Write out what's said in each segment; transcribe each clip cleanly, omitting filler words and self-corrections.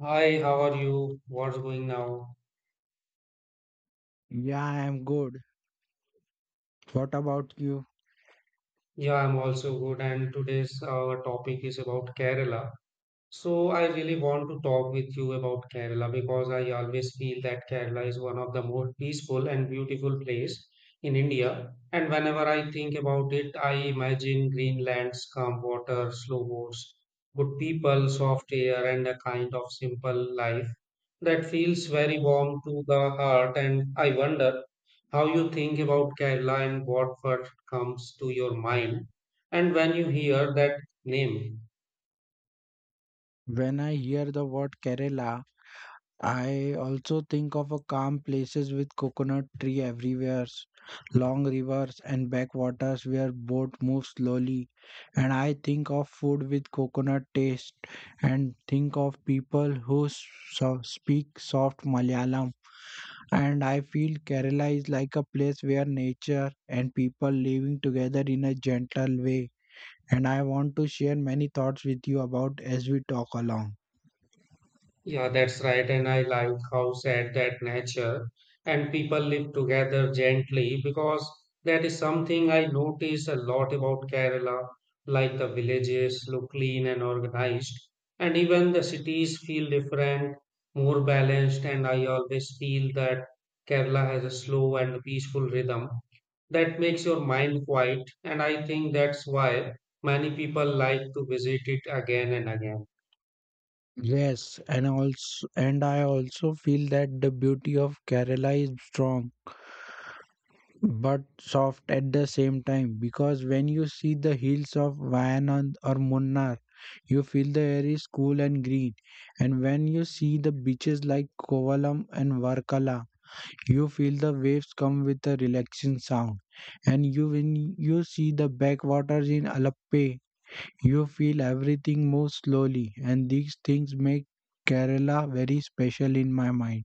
Hi, how are you? What's going now? Yeah, I am good. What about you? Yeah, I'm also good. And today's our topic is about Kerala. So I really want to talk with you about Kerala because I always feel that Kerala is one of the most peaceful and beautiful place in India. And whenever I think about it, I imagine green lands, calm water, slow boats, good people, soft air, and a kind of simple life that feels very warm to the heart. And I wonder how you think about Kerala and what first comes to your mind, and when you hear that name. When I hear the word Kerala, I also think of a calm places with coconut tree everywhere, long rivers and backwaters where boat moves slowly. And I think of food with coconut taste and think of people who speak soft Malayalam. And I feel Kerala is like a place where nature and people living together in a gentle way. And I want to share many thoughts with you about as we talk along. Yeah, that's right. And I like how sad that nature and people live together gently because that is something I notice a lot about Kerala. Like the villages look clean and organized, and even the cities feel different, more balanced. And I always feel that Kerala has a slow and peaceful rhythm that makes your mind quiet. And I think that's why many people like to visit it again and again. Yes, and I also feel that the beauty of Kerala is strong but soft at the same time, because when you see the hills of Wayanad or Munnar, you feel the air is cool and green, and when you see the beaches like Kovalam and Varkala, you feel the waves come with a relaxing sound, and you when you see the backwaters in Alappuzha, you feel everything move slowly, and these things make Kerala very special in my mind.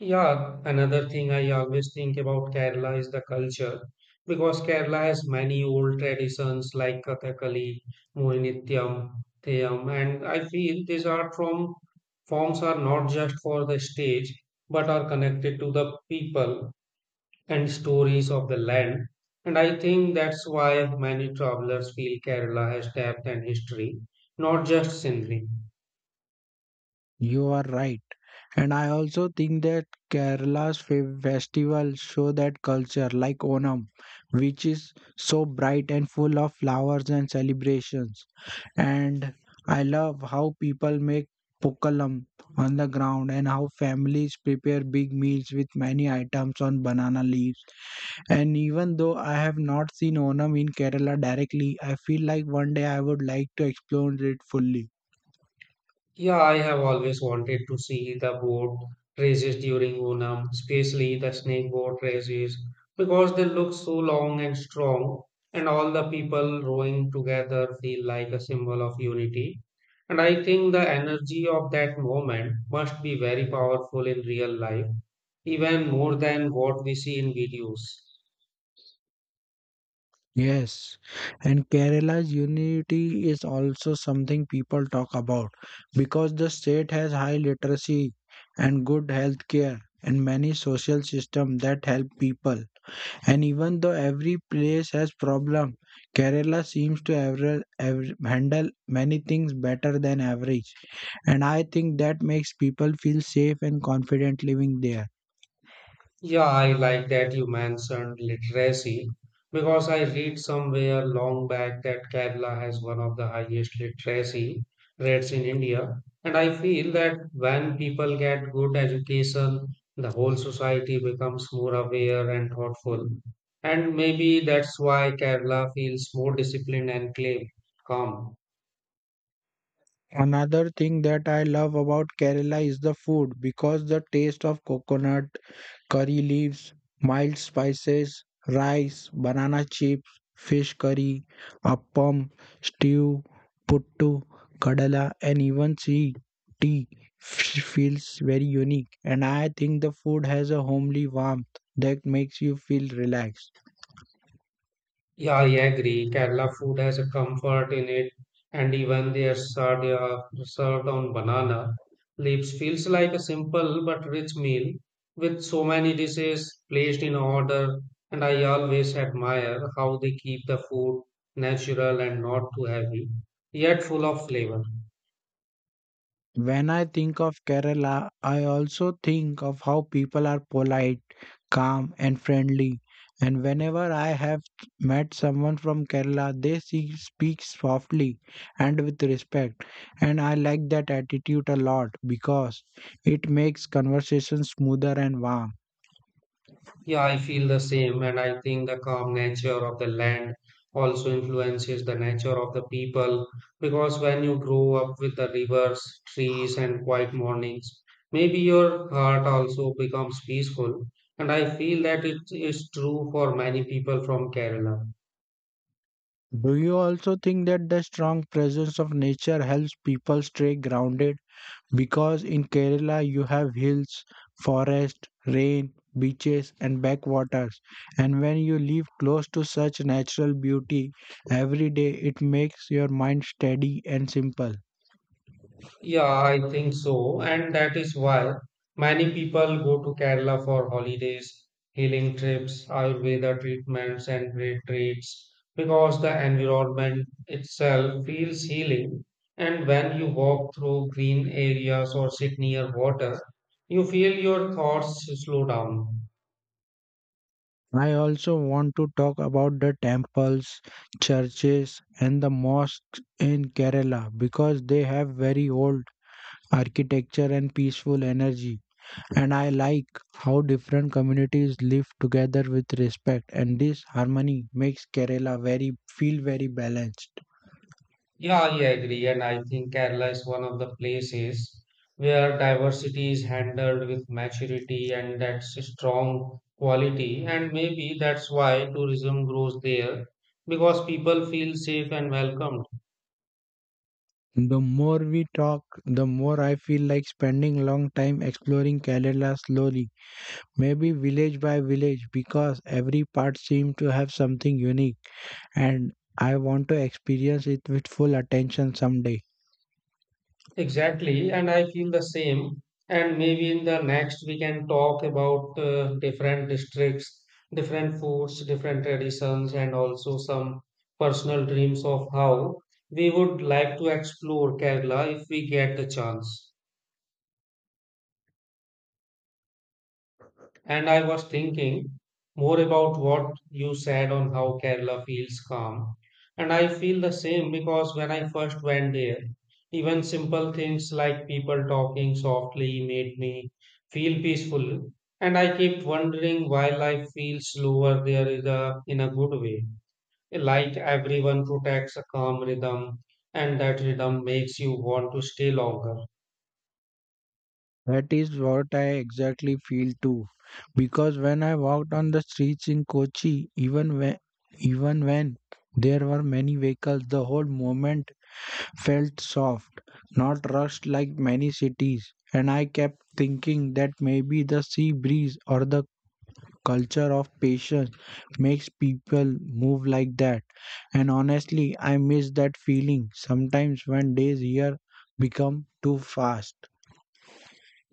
Yeah, another thing I always think about Kerala is the culture because Kerala has many old traditions like Kathakali, Mohiniyattam, Theyam, and I feel these art from forms are not just for the stage but are connected to the people and stories of the land. And I think that's why many travelers feel Kerala has depth and history, not just scenery. You are right. And I also think that Kerala's festivals show that culture, like Onam, which is so bright and full of flowers and celebrations. And I love how people make pokalam on the ground and how families prepare big meals with many items on banana leaves. And even though I have not seen Onam in Kerala directly, I feel like one day I would like to explore it fully. Yeah, I have always wanted to see the boat races during Onam, especially the snake boat races, because they look so long and strong, and all the people rowing together feel like a symbol of unity. And I think the energy of that moment must be very powerful in real life, even more than what we see in videos. Yes, and Kerala's unity is also something people talk about because the state has high literacy and good health care and many social systems that help people. And even though every place has problem, Kerala seems to ever handle many things better than average. And I think that makes people feel safe and confident living there. Yeah, I like that you mentioned literacy because I read somewhere long back that Kerala has one of the highest literacy rates in India. And I feel that when people get good education, the whole society becomes more aware and thoughtful. And maybe that's why Kerala feels more disciplined and calm. Another thing that I love about Kerala is the food, because the taste of coconut, curry leaves, mild spices, rice, banana chips, fish curry, appam, stew, puttu, kadala, and even sea tea feels very unique. And I think the food has a homely warmth that makes you feel relaxed. Yeah, I agree. Kerala food has a comfort in it, and even their sardia served on banana leaves feels like a simple but rich meal with so many dishes placed in order. And I always admire how they keep the food natural and not too heavy, yet full of flavor. When I think of Kerala, I also think of how people are polite, calm, and friendly. And whenever I have met someone from Kerala, they speak softly and with respect. And I like that attitude a lot, because it makes conversation smoother and warm. Yeah, I feel the same, and I think the calm nature of the land also influences the nature of the people because when you grow up with the rivers, trees, and quiet mornings, maybe your heart also becomes peaceful. And I feel that it is true for many people from Kerala. Do you also think that the strong presence of nature helps people stay grounded? Because in Kerala you have hills, forest, rain, beaches and backwaters. And when you live close to such natural beauty every day, it makes your mind steady and simple. Yeah, I think so. And that is why many people go to Kerala for holidays, healing trips, Ayurveda treatments, and retreats because the environment itself feels healing. And when you walk through green areas or sit near water, you feel your thoughts slow down. I also want to talk about the temples, churches and the mosques in Kerala, because they have very old architecture and peaceful energy. And I like how different communities live together with respect, and this harmony makes Kerala very feel very balanced. Yeah, I agree. And I think Kerala is one of the places where diversity is handled with maturity and that's a strong quality. And maybe that's why tourism grows there because people feel safe and welcomed. The more we talk, the more I feel like spending long time exploring Kerala slowly, maybe village by village, because every part seems to have something unique, and I want to experience it with full attention someday. Exactly, and I feel the same. And maybe in the next we can talk about different districts, different foods, different traditions, and also some personal dreams of how we would like to explore Kerala if we get the chance. And I was thinking more about what you said on how Kerala feels calm. And I feel the same because when I first went there, even simple things like people talking softly made me feel peaceful. And I kept wondering why life feels slower there is in a good way. Like everyone protects a calm rhythm, and that rhythm makes you want to stay longer. That is what I exactly feel too. Because when I walked on the streets in Kochi, even when there were many vehicles, the whole moment felt soft, not rushed like many cities. And I kept thinking that maybe the sea breeze or the culture of patience makes people move like that. And honestly, I miss that feeling sometimes when days here become too fast.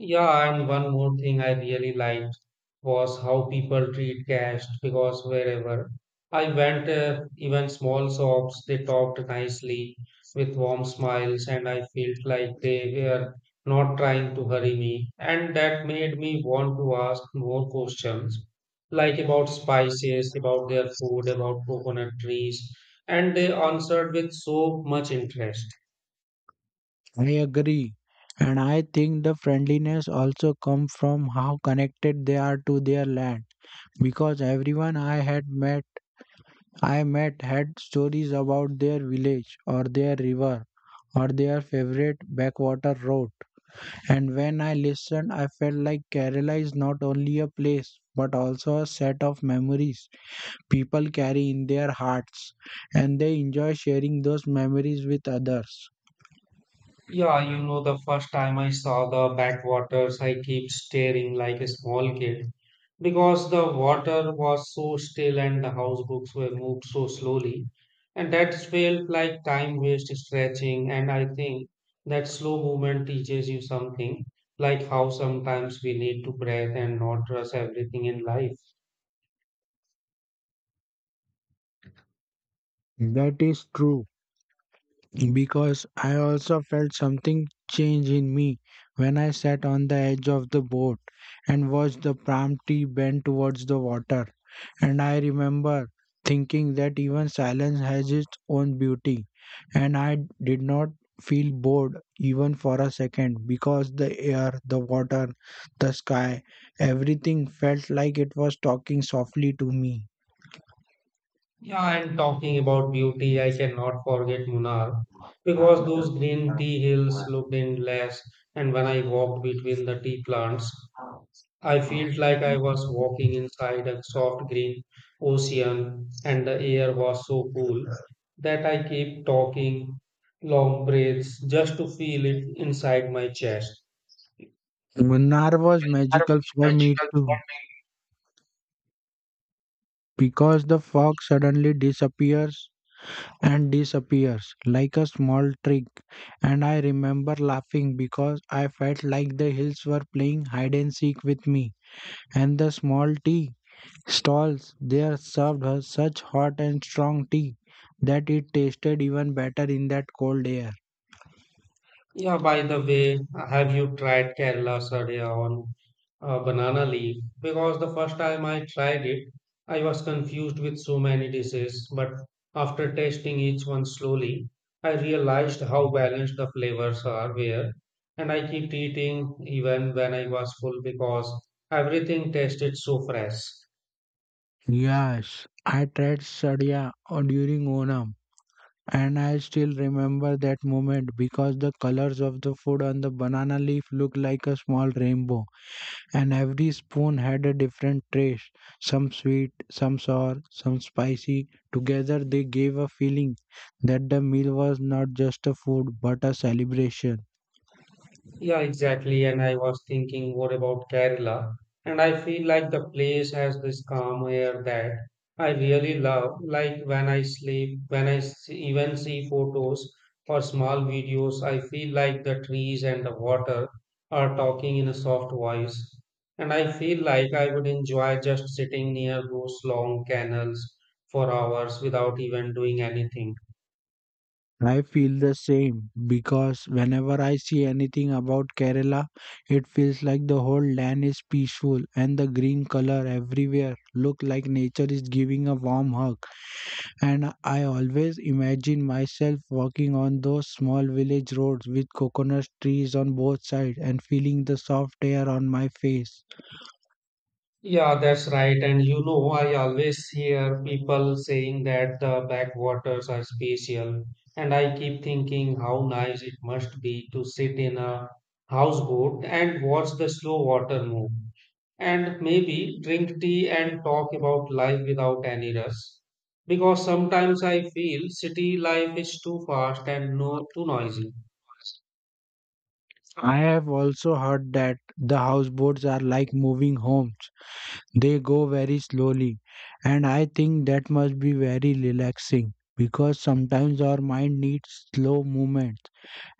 Yeah, and one more thing I really liked was how people treat cash because wherever I went, even small shops, they talked nicely with warm smiles, and I felt like they were not trying to hurry me. And that made me want to ask more questions, like about spices, about their food, about coconut trees, and they answered with so much interest. I agree. And I think the friendliness also comes from how connected they are to their land. Because everyone I met had stories about their village or their river or their favorite backwater road. And when I listened, I felt like Kerala is not only a place but also a set of memories people carry in their hearts, and they enjoy sharing those memories with others. Yeah, you know, the first time I saw the backwaters, I kept staring like a small kid because the water was so still and the house books were moved so slowly. And that felt like time waste stretching. And I think that slow movement teaches you something, like how sometimes we need to breathe and not rush everything in life. That is true. Because I also felt something change in me when I sat on the edge of the boat and watched the palm tree bend towards the water. And I remember thinking that even silence has its own beauty, and I did not feel bored even for a second because the air, the water, the sky, everything felt like it was talking softly to me. Yeah, and talking about beauty, I cannot forget Munnar because those green tea hills looked endless. And when I walked between the tea plants, I felt like I was walking inside a soft green ocean, and the air was so cool that I kept talking long breaths just to feel it inside my chest. Munnar was That magical was for me magical too, for me. because the fog suddenly disappears like a small trick, and I remember laughing because I felt like the hills were playing hide and seek with me, and the small tea stalls there served her such hot and strong tea that it tasted even better in that cold air. Yeah, by the way, have you tried Kerala Sadhya on banana leaf? Because the first time I tried it, I was confused with so many dishes, but after tasting each one slowly, I realized how balanced the flavors are where, and I keep eating even when I was full because everything tasted so fresh. Yes, I tried sadhya during Onam, and I still remember that moment because the colors of the food on the banana leaf looked like a small rainbow. And every spoon had a different taste, some sweet, some sour, some spicy. Together, they gave a feeling that the meal was not just a food but a celebration. Yeah, exactly. And I was thinking, what about Kerala? And I feel like the place has this calm air that I really love. Like when I sleep, when I even see photos or small videos, I feel like the trees and the water are talking in a soft voice. And I feel like I would enjoy just sitting near those long canals for hours without even doing anything. I feel the same, because whenever I see anything about Kerala, it feels like the whole land is peaceful and the green color everywhere look like nature is giving a warm hug. And I always imagine myself walking on those small village roads with coconut trees on both sides and feeling the soft air on my face. Yeah, that's right. And you know, I always hear people saying that the backwaters are special. And I keep thinking how nice it must be to sit in a houseboat and watch the slow water move. And maybe drink tea and talk about life without any rush. Because sometimes I feel city life is too fast and no too noisy. I have also heard that the houseboats are like moving homes. They go very slowly, and I think that must be very relaxing because sometimes our mind needs slow movement.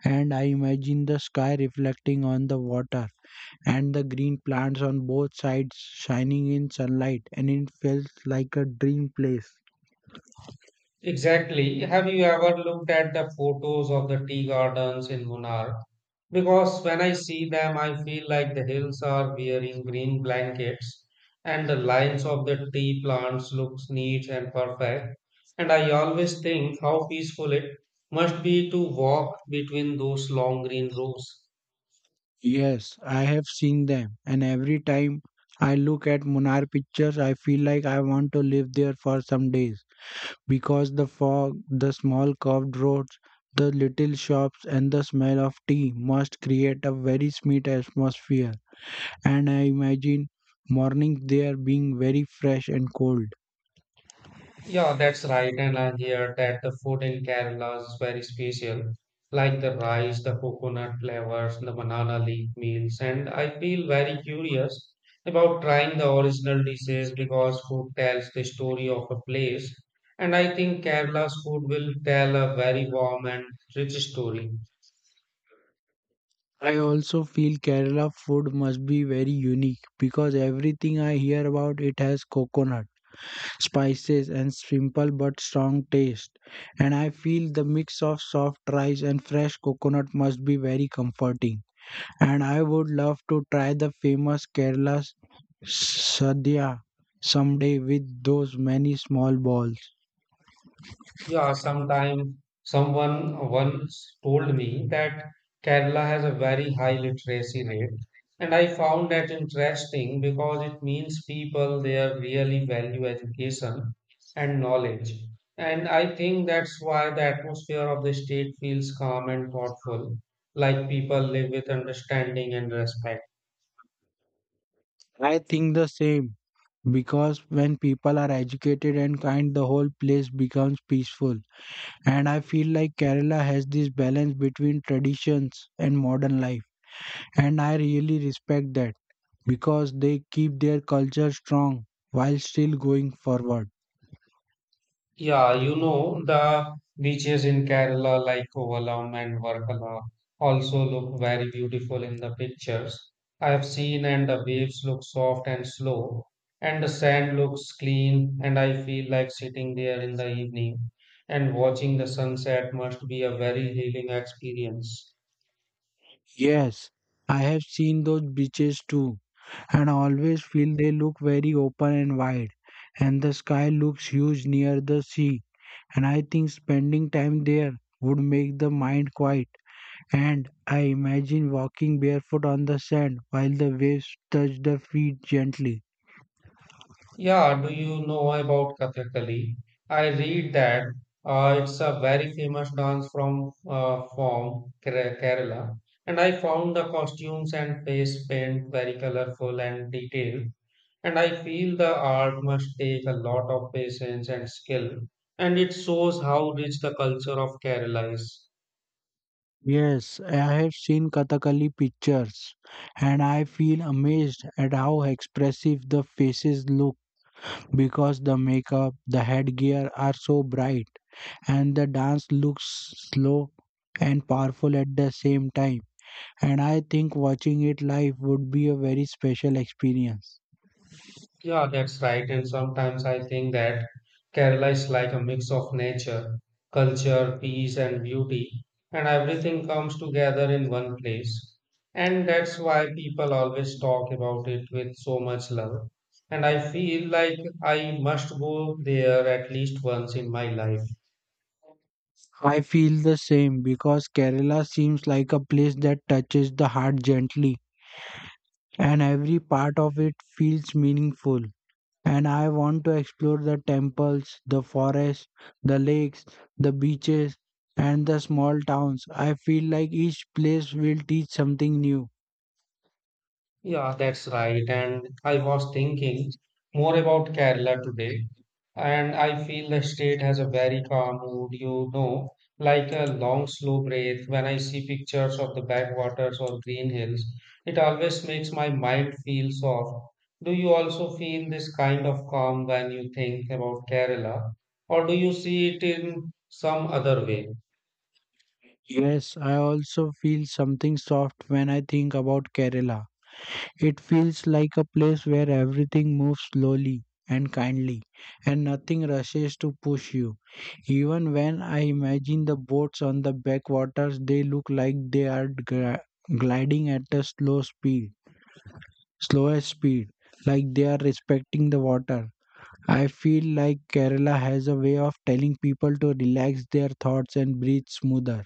And I imagine the sky reflecting on the water and the green plants on both sides shining in sunlight, and it felt like a dream place. Exactly. Have you ever looked at the photos of the tea gardens in Munnar? Because when I see them, I feel like the hills are wearing green blankets and the lines of the tea plants looks neat and perfect. And I always think how peaceful it must be to walk between those long green rows. Yes, I have seen them, and every time I look at Munar pictures, I feel like I want to live there for some days, because the fog, the small curved roads, the little shops and the smell of tea must create a very sweet atmosphere, and I imagine mornings there being very fresh and cold. Yeah, that's right. And I hear that the food in Kerala is very special, like the rice, the coconut flavors, the banana leaf meals. And I feel very curious about trying the original dishes because food tells the story of a place. And I think Kerala's food will tell a very warm and rich story. I also feel Kerala food must be very unique, because everything I hear about it has coconut, spices, and simple but strong taste. And I feel the mix of soft rice and fresh coconut must be very comforting. And I would love to try the famous Kerala sadhya someday with those many small balls. Yeah, sometime someone once told me that Kerala has a very high literacy rate, and I found that interesting because it means people there really value education and knowledge. And I think that's why the atmosphere of the state feels calm and thoughtful, like people live with understanding and respect. I think the same, because when people are educated and kind, the whole place becomes peaceful. And I feel like Kerala has this balance between traditions and modern life. And I really respect that, because they keep their culture strong while still going forward. Yeah, you know, the beaches in Kerala, like Kovalam and Varkala, also look very beautiful in the pictures. I have seen, and the waves look soft and slow, and the sand looks clean, and I feel like sitting there in the evening and watching the sunset must be a very healing experience. Yes, I have seen those beaches too, and I always feel they look very open and wide. And the sky looks huge near the sea. And I think spending time there would make the mind quiet. And I imagine walking barefoot on the sand while the waves touch the feet gently. Yeah, do you know about Kathakali? I read that it's a very famous dance from from Kerala, and I found the costumes and face paint very colorful and detailed. And I feel the art must take a lot of patience and skill, and it shows how rich the culture of Kerala is. Yes, I have seen Kathakali pictures, and I feel amazed at how expressive the faces look, because the makeup, the headgear are so bright and the dance looks slow and powerful at the same time. And I think watching it live would be a very special experience. Yeah, that's right. And sometimes I think that Kerala is like a mix of nature, culture, peace, and beauty, and everything comes together in one place. And that's why people always talk about it with so much love. And I feel like I must go there at least once in my life. I feel the same, because Kerala seems like a place that touches the heart gently and every part of it feels meaningful. And I want to explore the temples, the forests, the lakes, the beaches, and the small towns. I feel like each place will teach something new. Yeah, that's right. And I was thinking more about Kerala today, and I feel the state has a very calm mood, you know, like a long, slow breath. When I see pictures of the backwaters or green hills, it always makes my mind feel soft. Do you also feel this kind of calm when you think about Kerala, or do you see it in some other way? Yes, I also feel something soft when I think about Kerala. It feels like a place where everything moves slowly and kindly, and nothing rushes to push you. Even when I imagine the boats on the backwaters, they look like they are gliding at a slower speed, like they are respecting the water. I feel like Kerala has a way of telling people to relax their thoughts and breathe smoother.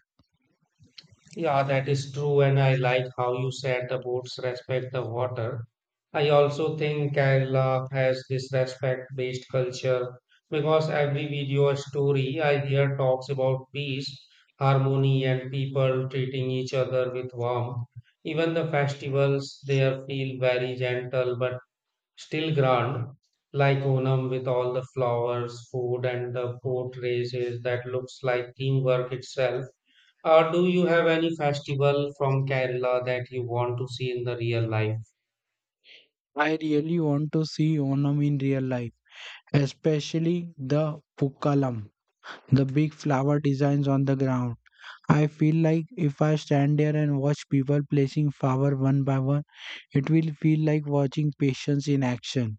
Yeah, that is true, and I like how you said the boats respect the water. I also think Kerala has this respect-based culture because every video or story I hear talks about peace, harmony, and people treating each other with warmth. Even the festivals there feel very gentle but still grand, like Onam with all the flowers, food, and the boat races that looks like teamwork itself. Do you have any festival from Kerala that you want to see in the real life? I really want to see Onam in real life, especially the Pukkalam, the big flower designs on the ground. I feel like if I stand there and watch people placing flower one by one, it will feel like watching patience in action.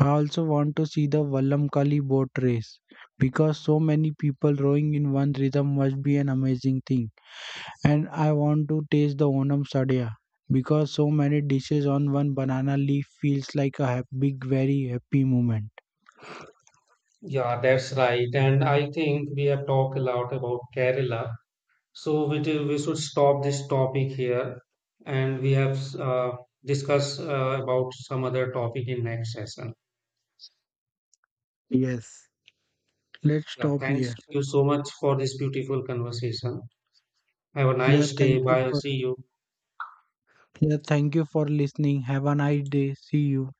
I also want to see the Vallamkali boat race, because so many people rowing in one rhythm must be an amazing thing. And I want to taste the Onam Sadya, because so many dishes on one banana leaf feels like a big, very happy moment. Yeah, that's right. And I think we have talked a lot about Kerala. So we should stop this topic here. And we have discussed about some other topic in next session. Yes. Let's Yeah, stop thanks here. you so much for this beautiful conversation. Have a Yeah, nice day. thank you Bye. for See you. Yeah, thank you for listening. Have a nice day. See you.